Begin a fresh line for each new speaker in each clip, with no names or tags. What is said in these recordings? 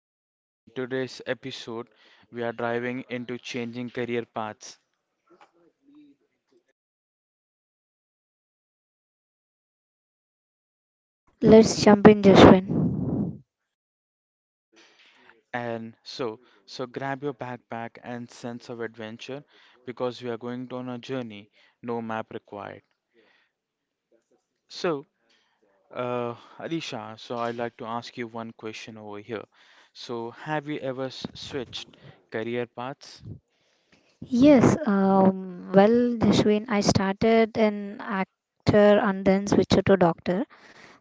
I'm Jaswin. In today's episode, we are driving into changing career paths.
Let's jump in, Jashwin.
And so, so grab your backpack and sense of adventure because we are going on a journey, no map required. So, Uh, Alisha, so I'd like to ask you one question over here. So, have you ever switched career paths?
Yes, well, Jashwin, I started an actor and then switched to doctor.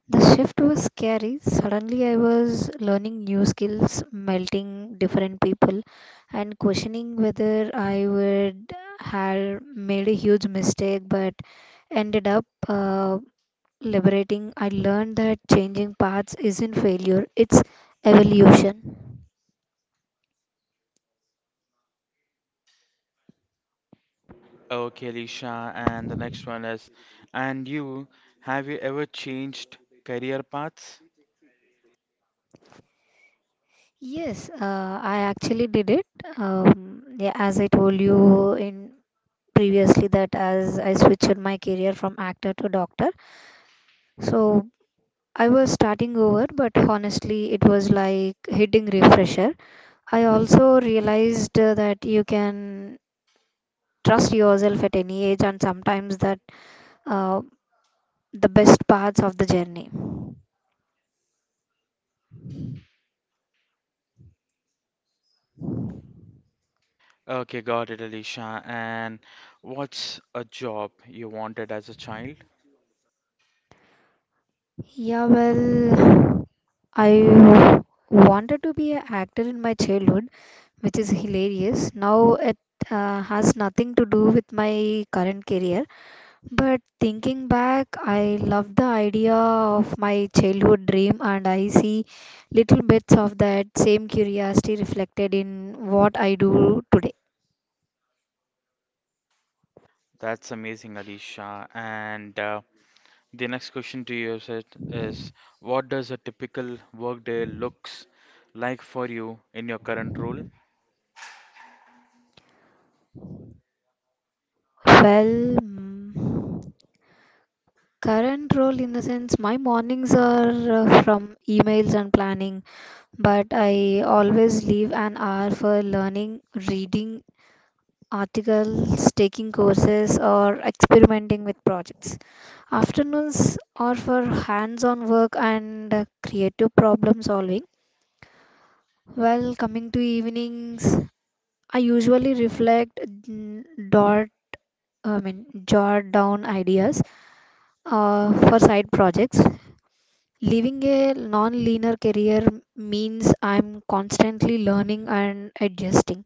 The shift was scary. Suddenly, I was learning new skills, melting different people, and questioning whether I would have made a huge mistake, but ended up liberating. I learned that changing paths isn't failure, it's evolution.
Okay, Alisha, and the next one is, and you, have you ever changed career paths?
Yes, I actually did it. Yeah, as I told you in previously that as I switched my career from actor to doctor, so I was starting over, but honestly, it was like hitting refresher. I also realized that you can trust yourself at any age, and sometimes that uh, the best parts of the journey.
Okay, got it, Alisha. And what's a job you wanted as a child?
Yeah, well, I wanted to be an actor in my childhood, which is hilarious. Now it has nothing to do with my current career, but thinking back, I love the idea of my childhood dream, and I see little bits of that same curiosity reflected in what I do today.
That's amazing, Alisha. And the next question to you is, what does a typical workday looks like for you in your current role?
Well, current role in the sense my mornings are from emails and planning, but I always leave an hour for learning, reading, articles, taking courses, or experimenting with projects. Afternoons are for hands on work and creative problem solving. While coming to evenings, I usually reflect, dot, I mean, jot down ideas for side projects. Living a non linear career means I'm constantly learning and adjusting.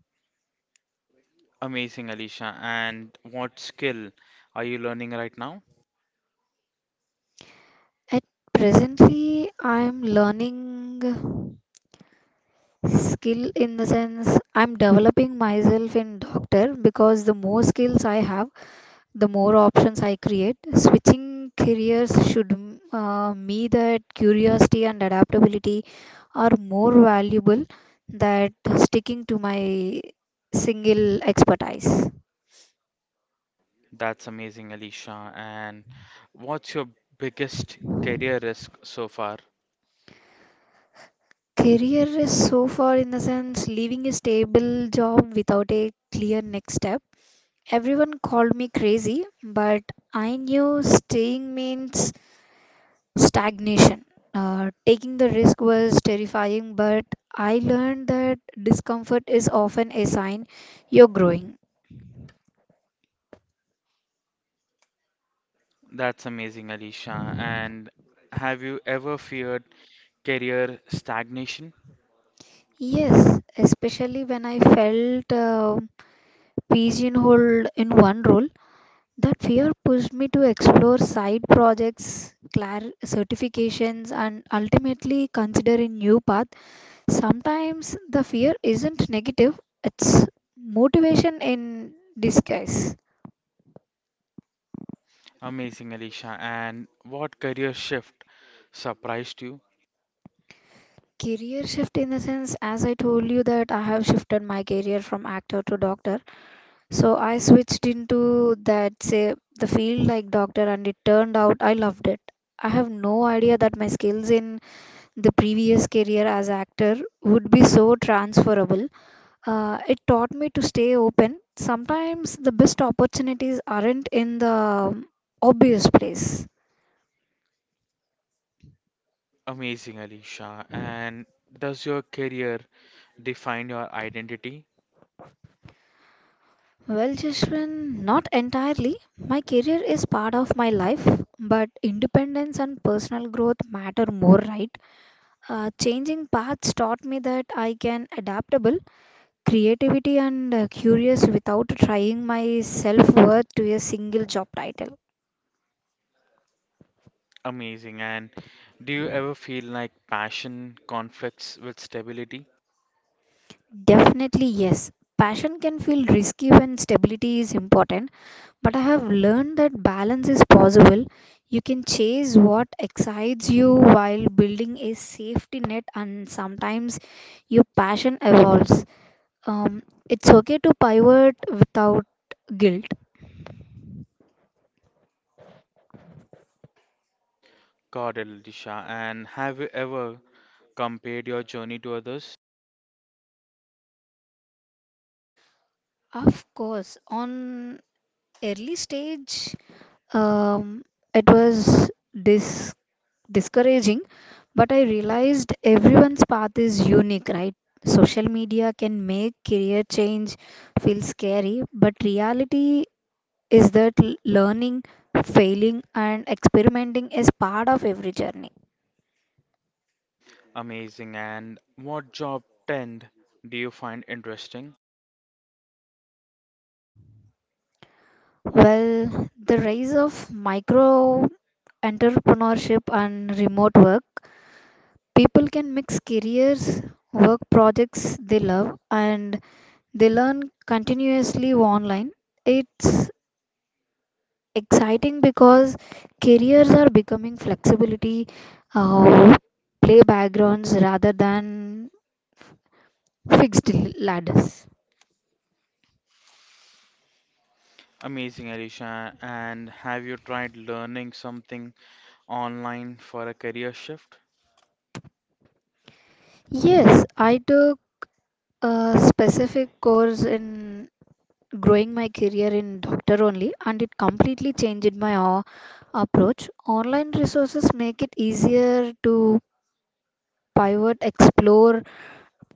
Amazing, Alicia. And what skill are you learning right now?
At presently, I'm learning. Skill in the sense I'm developing myself in doctor because the more skills I have, the more options I create switching careers should me that curiosity and adaptability are more valuable than sticking to my single expertise.
That's amazing, Alicia. And what's your biggest career risk so far?
Career is so far in the sense leaving a stable job without a clear next step, everyone called me crazy but I knew staying means stagnation. Taking the risk was terrifying, but I learned that discomfort is often a sign you're growing.
That's amazing, Alicia. And have you ever feared career stagnation?
Yes, especially when I felt pigeonholed in one role, that fear pushed me to explore side projects, certifications, and ultimately consider a new path. Sometimes the fear isn't negative, it's motivation in disguise.
Amazing, Alicia. And what career shift surprised you?
Career shift in the sense as I told you that I have shifted my career from actor to doctor, so I switched into that, say the field like doctor, and it turned out I loved it. I have no idea that my skills in the previous career as actor would be so transferable. It taught me to stay open. Sometimes the best opportunities aren't in the obvious place.
Amazing, Alicia. And does your career define your identity?
Well, Jashwin, not entirely. My career is part of my life, but independence and personal growth matter more, right? Changing paths taught me that I can adaptable, creativity and curious without trying my self-worth to a single job title.
Amazing. And do you ever feel like passion conflicts with stability?
Definitely yes. Passion can feel risky when stability is important. But I have learned that balance is possible. You can chase what excites you while building a safety net, and sometimes your passion evolves. Um, it's okay to pivot without guilt.
God, Elisha. And have you ever compared your journey to others?
Of course, on early stage, um, it was discouraging, but I realized everyone's path is unique, right? Social media can make career change feel scary, but reality is that learning, failing, and experimenting is part of every journey.
Amazing. And what job trend do you find interesting?
Well, the rise of micro entrepreneurship and remote work, people can mix careers, work projects they love, and they learn continuously online. It's exciting because careers are becoming flexibility, uh, play backgrounds rather than fixed ladders.
Amazing, Elisha. And have you tried learning something online for a career shift?
Yes, I took a specific course in growing my career in doctor only, and it completely changed my approach. Online resources make it easier to pivot, explore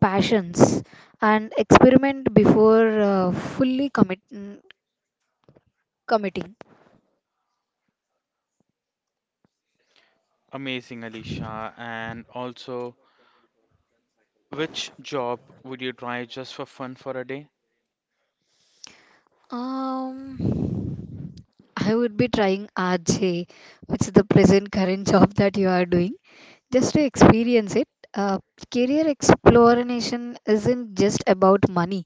passions, and experiment before fully committing.
Amazing, Elisha. And also, which job would you try just for fun for a day?
Um, I would be trying RJ, which is the present current job that you are doing, just to experience it. Uh, Career exploration isn't just about money,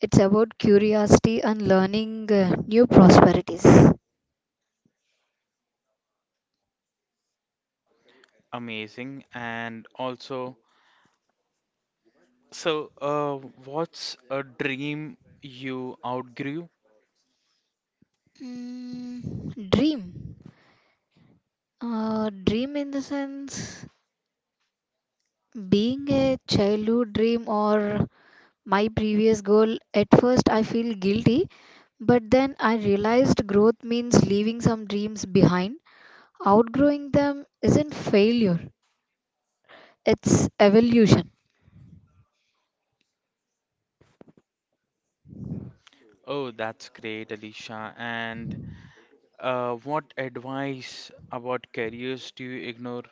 it's about curiosity and learning new prosperities.
Amazing. And also, So, uh, what's a dream you outgrew?
Mm, dream. Dream in the sense being a childhood dream or my previous goal, at first I feel guilty, but then I realized growth means leaving some dreams behind. Outgrowing them isn't failure, it's evolution.
Oh, that's great, Alicia. And what advice about careers do you ignore?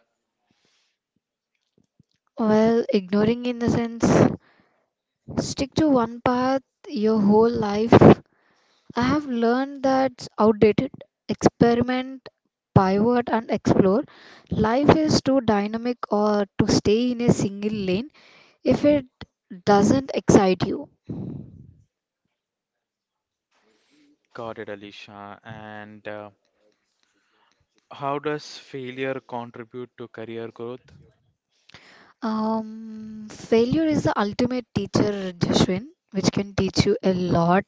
Well, ignoring in the sense, stick to one path your whole life. I have learned that's outdated. Experiment, pivot, and explore. Life is too dynamic or to stay in a single lane if it doesn't excite you.
Got it, Alicia. And how does failure contribute to career growth?
Failure is the ultimate teacher, Jashwin, which can teach you a lot.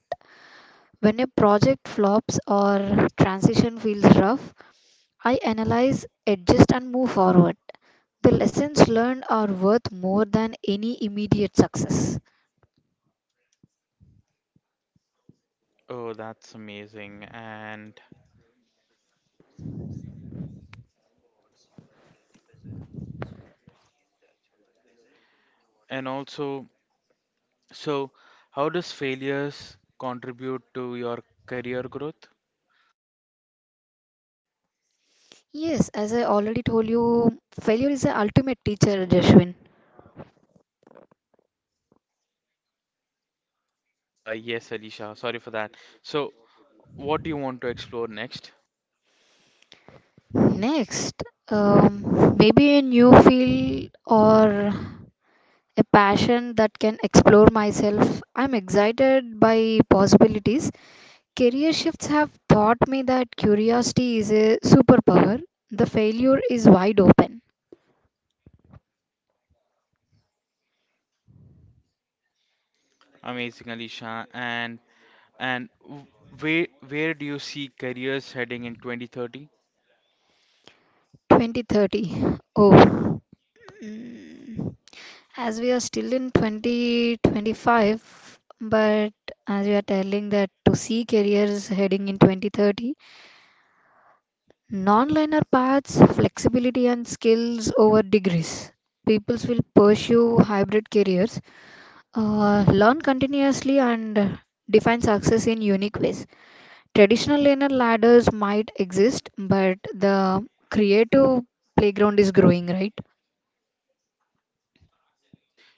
When a project flops or transition feels rough, I analyze, adjust, and move forward. The lessons learned are worth more than any immediate success.
Oh, that's amazing. And also, so how does failures contribute to your career growth?
Yes, as I already told you, failure is the ultimate teacher, Jashwin.
Yes, Alicia. Sorry for that. So, what do you want to explore next?
Next, maybe a new field or a passion that can explore myself. I'm excited by possibilities. Career shifts have taught me that curiosity is a superpower. The failure is wide open.
Amazing, Alisha. And where do you see careers heading in 2030?
2030. Oh. Mm. As we are still in 2025, but as we are telling that to see careers heading in 2030, non-linear paths, flexibility, and skills over degrees. Peoples will pursue hybrid careers. Learn continuously and define success in unique ways. Traditional linear ladders might exist, but the creative playground is growing, right?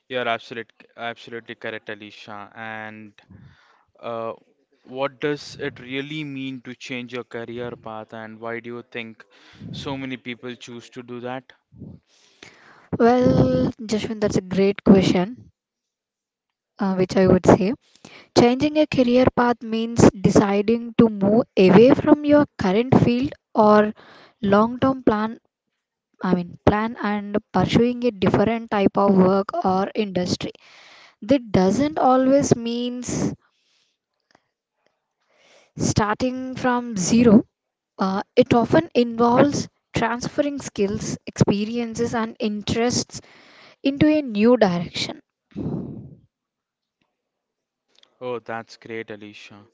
You're absolutely correct, Alisha. And uh, what does it really mean to change your career path, and why do you think so many people choose to do that?
Well, Jashwin, that's a great question, which I would say. Changing a career path means deciding to move away from your current field or long-term plan. I mean, plan and pursuing a different type of work or industry. That doesn't always means starting from zero, it often involves transferring skills, experiences, and interests into a new direction.
Oh, that's great, Alisha.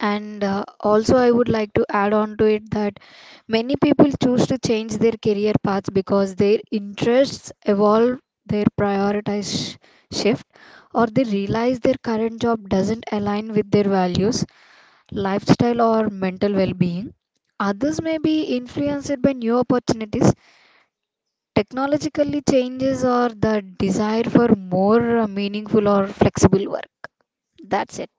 And also, I would
Mhm.
like to add on to it that many people choose to change their career paths because their interests evolve, their priorities shift, or they realize their current job doesn't align with their values, lifestyle, or mental well being. Others may be influenced by new opportunities technologically changes or the desire for more meaningful or flexible work. That's it.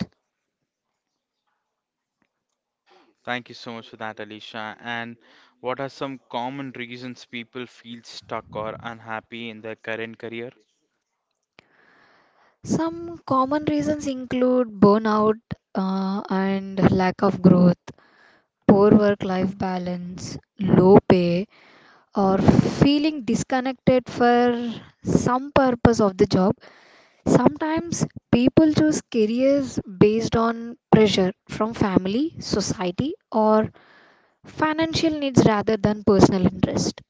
Thank you so much for that, Alicia. And what are some common reasons people feel stuck or unhappy in their current career?
Some common reasons include burnout and lack of growth, poor work life balance, low pay, or feeling disconnected for some purpose of the job. Sometimes people choose careers based on pressure from family, society, or financial needs rather than personal interest.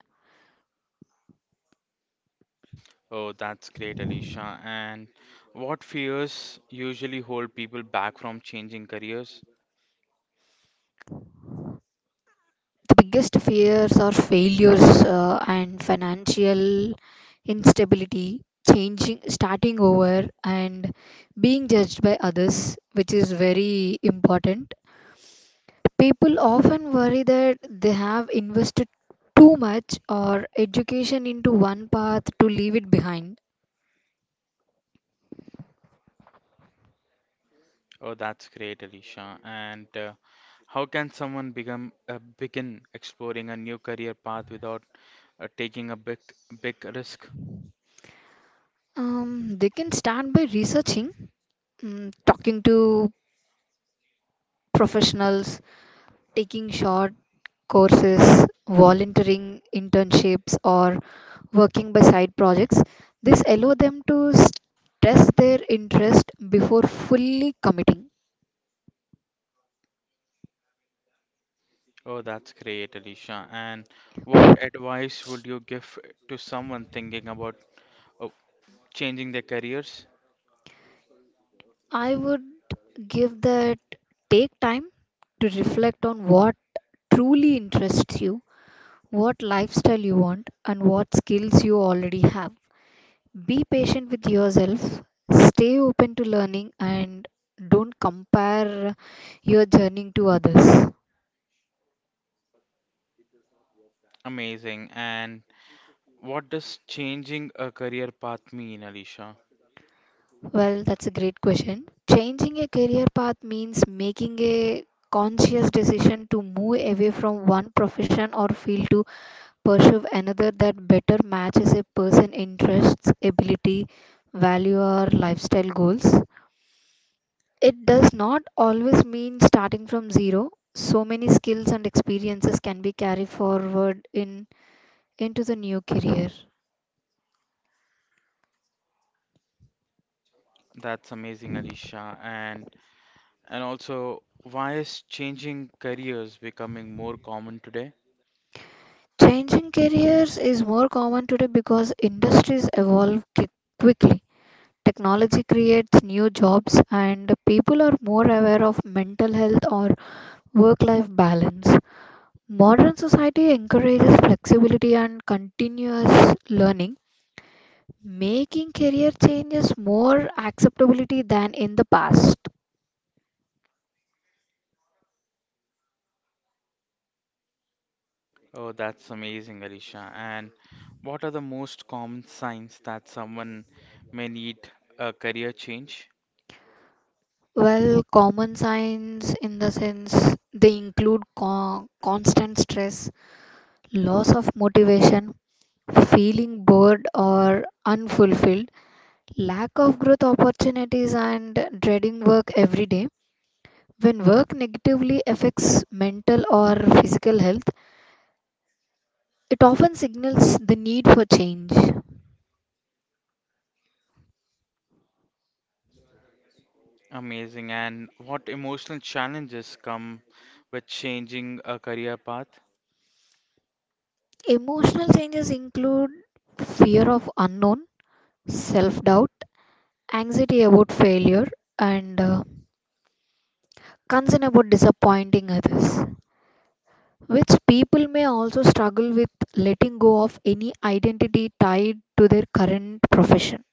Oh, that's great, Alicia. And what fears usually hold people back from changing careers?
The biggest fears are failures and financial instability, changing starting over, and being judged by others, which is very important. People often worry that they have invested too much or education into one path to leave it behind.
Oh, that's great, Alicia. And how can someone become begin exploring a new career path without taking a big risk?
um, they can start by researching, talking to professionals, taking short courses, volunteering internships, or working by side projects. This allow them to test their interest before fully committing.
Oh, that's great, Alicia. And what advice would you give to someone thinking about uh, changing their careers?
I would give that take time to reflect on what truly interests you, what lifestyle you want, and what skills you already have. Be patient with yourself, stay open to learning, and don't compare your journey to others.
Amazing. And what does changing a career path mean, Alicia?
Well, that's a great question. Changing a career path means making a conscious decision to move away from one profession or field to pursue another that better matches a person's interests, ability, value, or lifestyle goals. It does not always mean starting from zero. So many skills and experiences can be carried forward in into the new career.
That's amazing, Alicia. And also, why is changing careers becoming more common today?
Changing careers is more common today because industries evolve quickly. Technology creates new jobs and people are more aware of mental health or work life balance. Modern society encourages flexibility and continuous learning making career changes more acceptability than in the past?
Oh, that's amazing, Alicia. And what are the most common signs that someone may need a career change?
Well, common signs in the sense they include constant stress, loss of motivation, feeling bored or unfulfilled, lack of growth opportunities, and dreading work every day. When work negatively affects mental or physical health, it often signals the need for change.
Amazing. And what emotional challenges come with changing a career path?
Emotional changes include fear of unknown, self doubt, anxiety about failure, and concern about disappointing others, which people may also struggle with letting go of any identity tied to their current profession.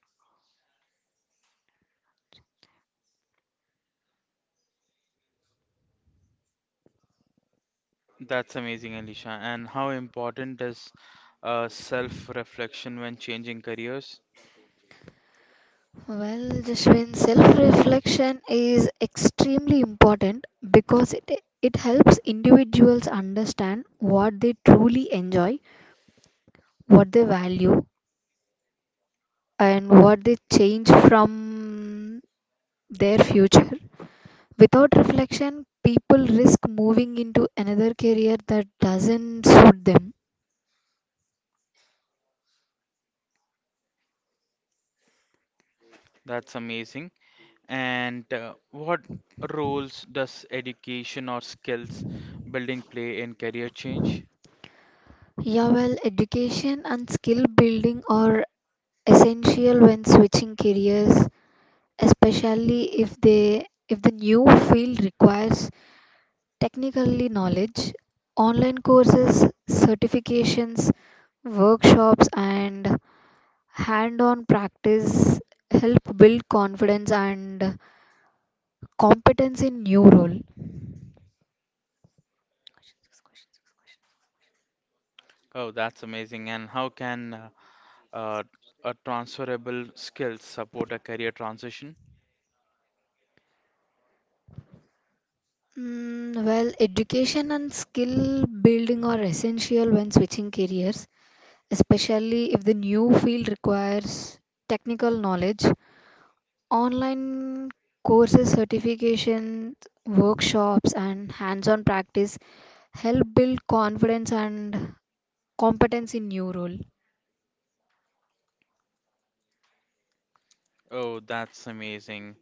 That's amazing, Alicia. And how important is self-reflection when changing careers?
Well, Jashwin, self reflection is extremely important because it helps individuals understand what they truly enjoy, what they value, and what they change from their future. Without reflection, people risk moving into another career that doesn't suit them.
That's amazing. And what roles does education or skills building play in career change?
Yeah, well, education and skill building are essential when switching careers, especially if the new field requires technically knowledge. Online courses, certifications, workshops and hand-on practice help build confidence and competence in new role.
Oh, that's amazing. And how can uh, a transferable skills support a career transition?
Mm, well, education and skill building are essential when switching careers, especially if the new field requires technical knowledge. Online courses, certifications, workshops, and hands on practice help build confidence and competence in new role.
Oh, that's amazing.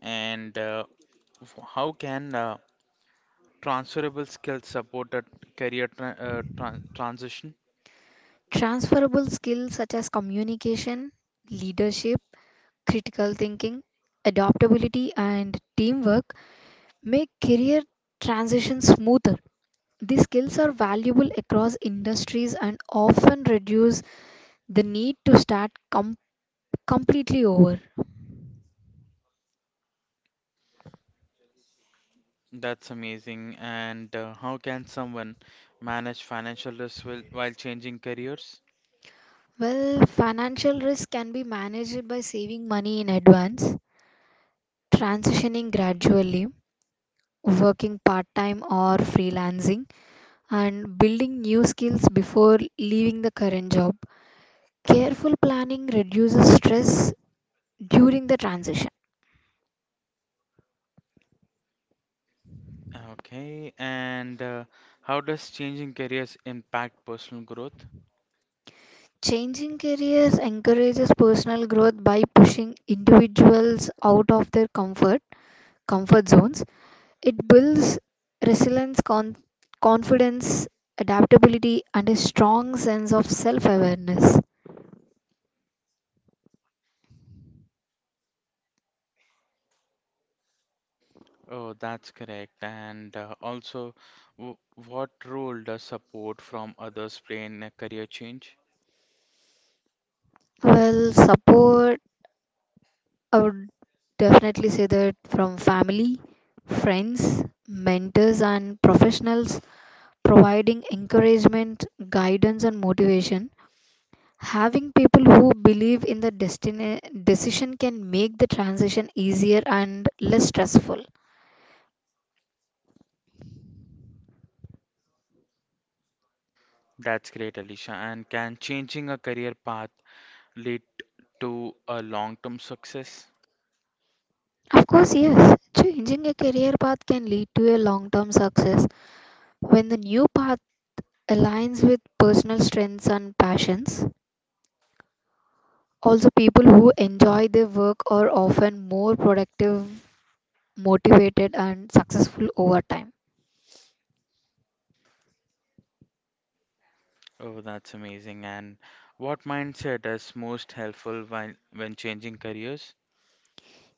And how can transferable skills support a career transition?
Transferable skills such as communication, leadership, critical thinking, adaptability, and teamwork make career transitions smoother. These skills are valuable across industries and often reduce the need to start completely over.
That's amazing. And how can someone manage financial risk while changing careers?
Well, financial risk can be managed by saving money in advance, transitioning gradually, working part time or freelancing, and building new skills before leaving the current job. Careful planning reduces stress during the transition.
Okay, and how does changing careers impact personal growth?
Changing careers encourages personal growth by pushing individuals out of their comfort zones. It builds resilience, confidence, adaptability, and a strong sense of self-awareness.
Oh, that's correct. And also, w what role does support from others play in a career change?
Well, support I would definitely say that from family, friends, mentors, and professionals providing encouragement, guidance, and motivation. Having people who believe in the destiny decision can make the transition easier and less stressful.
That's great, Alicia. And can changing a career path lead to a long-term success?
Of course, yes. So, changing a career path can lead to a long term success when the new path aligns with personal strengths and passions. Also, people who enjoy their work are often more productive, motivated, and successful over time.
Oh, that's amazing. And what mindset is most helpful when changing careers?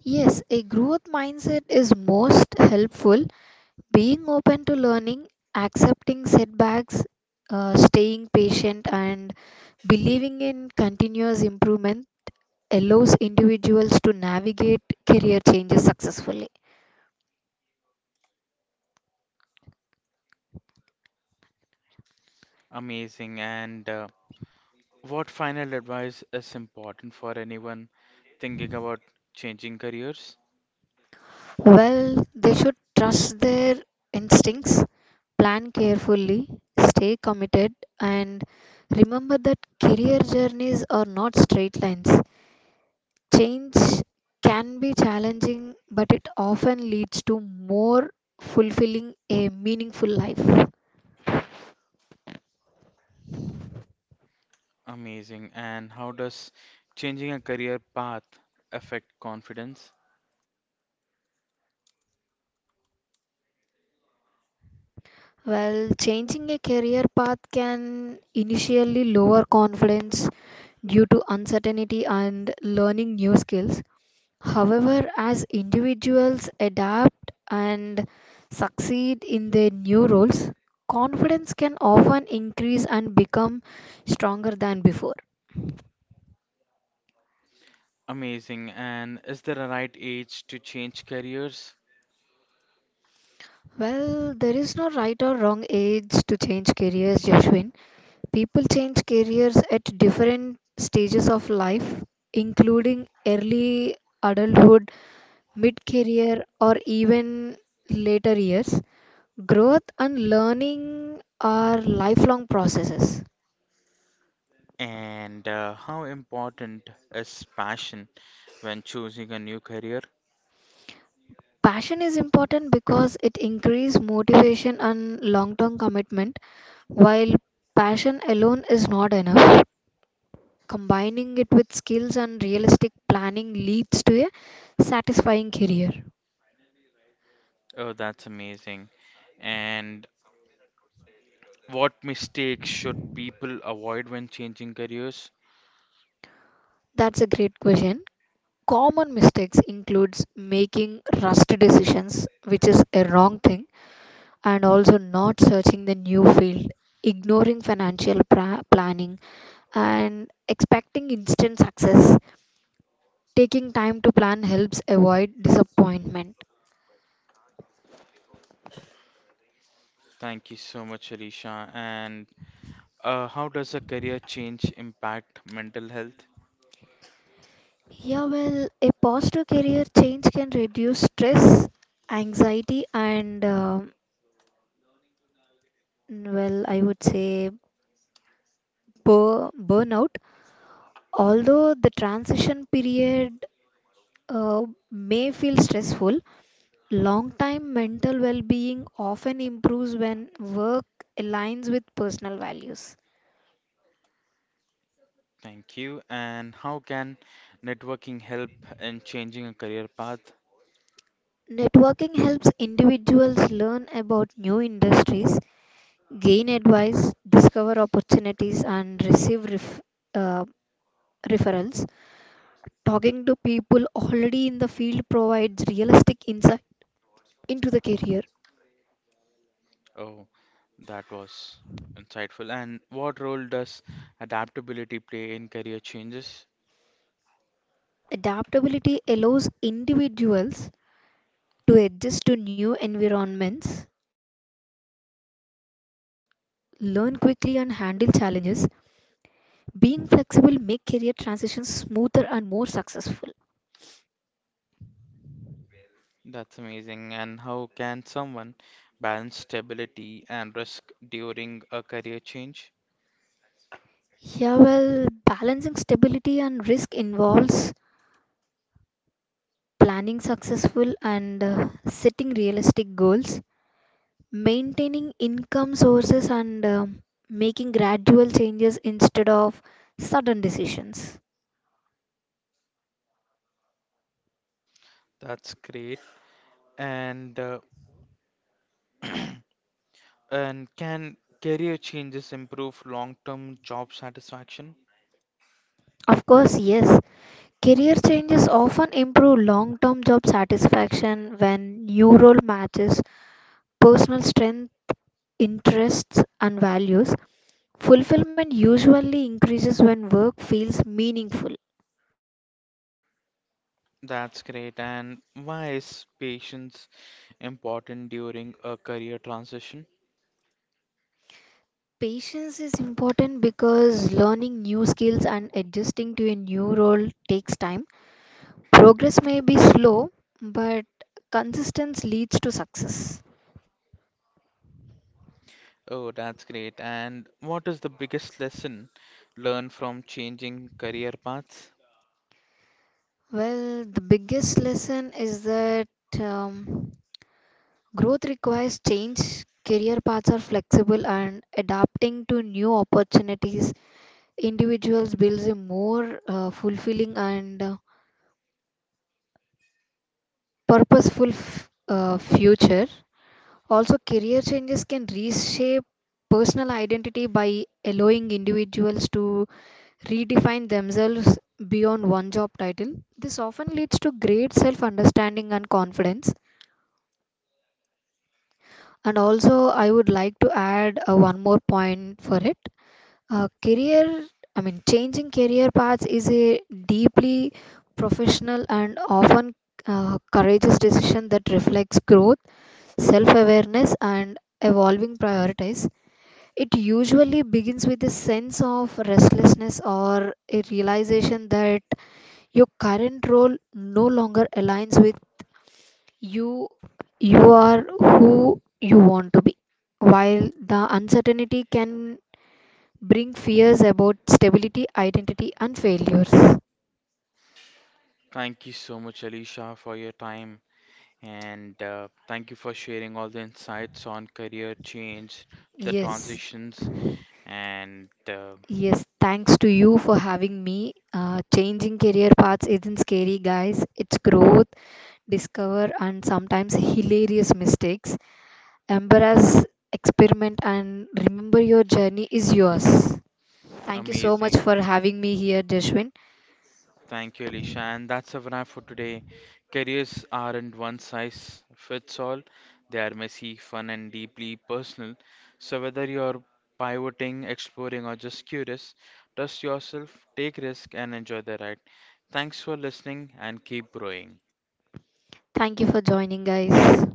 Yes, a growth mindset is most helpful. Being open to learning, accepting setbacks, staying patient, and believing in continuous improvement allows individuals to navigate career changes successfully.
Amazing. And what final advice is important for anyone thinking about changing careers?
Well, they should trust their instincts, plan carefully, stay committed, and remember that career journeys are not straight lines. Change can be challenging, but it often leads to more fulfilling a meaningful life.
Amazing. And how does changing a career path affect confidence?
Well, changing a career path can initially lower confidence due to uncertainty and learning new skills. However, as individuals adapt and succeed in their new roles, confidence can often increase and become stronger than before.
Amazing. And is there a right age to change careers?
Well, there is no right or wrong age to change careers, Jashwin. People change careers at different stages of life, including early adulthood, mid career, or even later years. Growth and learning are lifelong processes.
And how important is passion when choosing a new career?
Passion is important because it increases motivation and long term commitment, while passion alone is not enough. Combining it with skills and realistic planning leads to a satisfying career.
Oh, that's amazing. And what mistakes should people avoid when changing careers?
That's a great question. Common mistakes includes making rushed decisions, which is a wrong thing, and also not searching the new field, ignoring financial planning, and expecting instant success. Taking time to plan helps avoid disappointment.
Thank you so much, Alicia. And how does a career change impact mental health?
Yeah, well, a positive career change can reduce stress, anxiety, and well, I would say burnout. Although the transition period uh, may feel stressful, long time mental well being often improves when work aligns with personal values.
Thank you. And how can networking help in changing a career path?
Networking helps individuals learn about new industries, gain advice, discover opportunities, and receive uh, referrals. Talking to people already in the field provides realistic insight into the career.
Oh, that was insightful. And what role does adaptability play in career changes?
Adaptability allows individuals to adjust to new environments, learn quickly, and handle challenges. Being flexible make career transitions smoother and more successful.
That's amazing. And how can someone balance stability and risk during a career change?
Yeah, well, balancing stability and risk involves planning successful and setting realistic goals, maintaining income sources, and making gradual changes instead of sudden decisions.
That's great. And and can career changes improve long-term job satisfaction?
Of course, yes. Career changes often improve long-term job satisfaction when new role matches personal strength, interests, and values. Fulfillment usually increases when work feels meaningful.
That's great. And why is patience important during a career transition?
Patience is important because learning new skills and adjusting to a new role takes time. Progress may be slow, but consistency leads to success.
Oh, that's great. And what is the biggest lesson learned from changing career paths?
Well, the biggest lesson is that. Um, Growth requires change, career paths are flexible, and adapting to new opportunities, individuals builds a more fulfilling and purposeful future. Also, career changes can reshape personal identity by allowing individuals to redefine themselves beyond one job title. This often leads to great self understanding and confidence. And also, I would like to add one more point for it. Uh, career, Changing career paths is a deeply professional and often courageous decision that reflects growth, self awareness, and evolving priorities. It usually begins with a sense of restlessness or a realization that your current role no longer aligns with you. You are who you want to be. While the uncertainty can bring fears about stability, identity, and failures.
Thank you so much, Alicia, for your time. And thank you for sharing all the insights on career change, the
Yes,
transitions, and
yes. Thanks to you for having me. Changing career paths isn't scary, guys. It's growth, discover, and sometimes hilarious mistakes. Embrace, experiment, and remember your journey is yours. Thank you so much
amazing.
for having me here, Deshwin.
Thank you, Alicia. And that's a wrap for today. Careers aren't one size fits all, they are messy, fun, and deeply personal. So, whether you're pivoting, exploring, or just curious, trust yourself, take risk, and enjoy the ride. Thanks for listening and keep growing.
Thank you for joining, guys.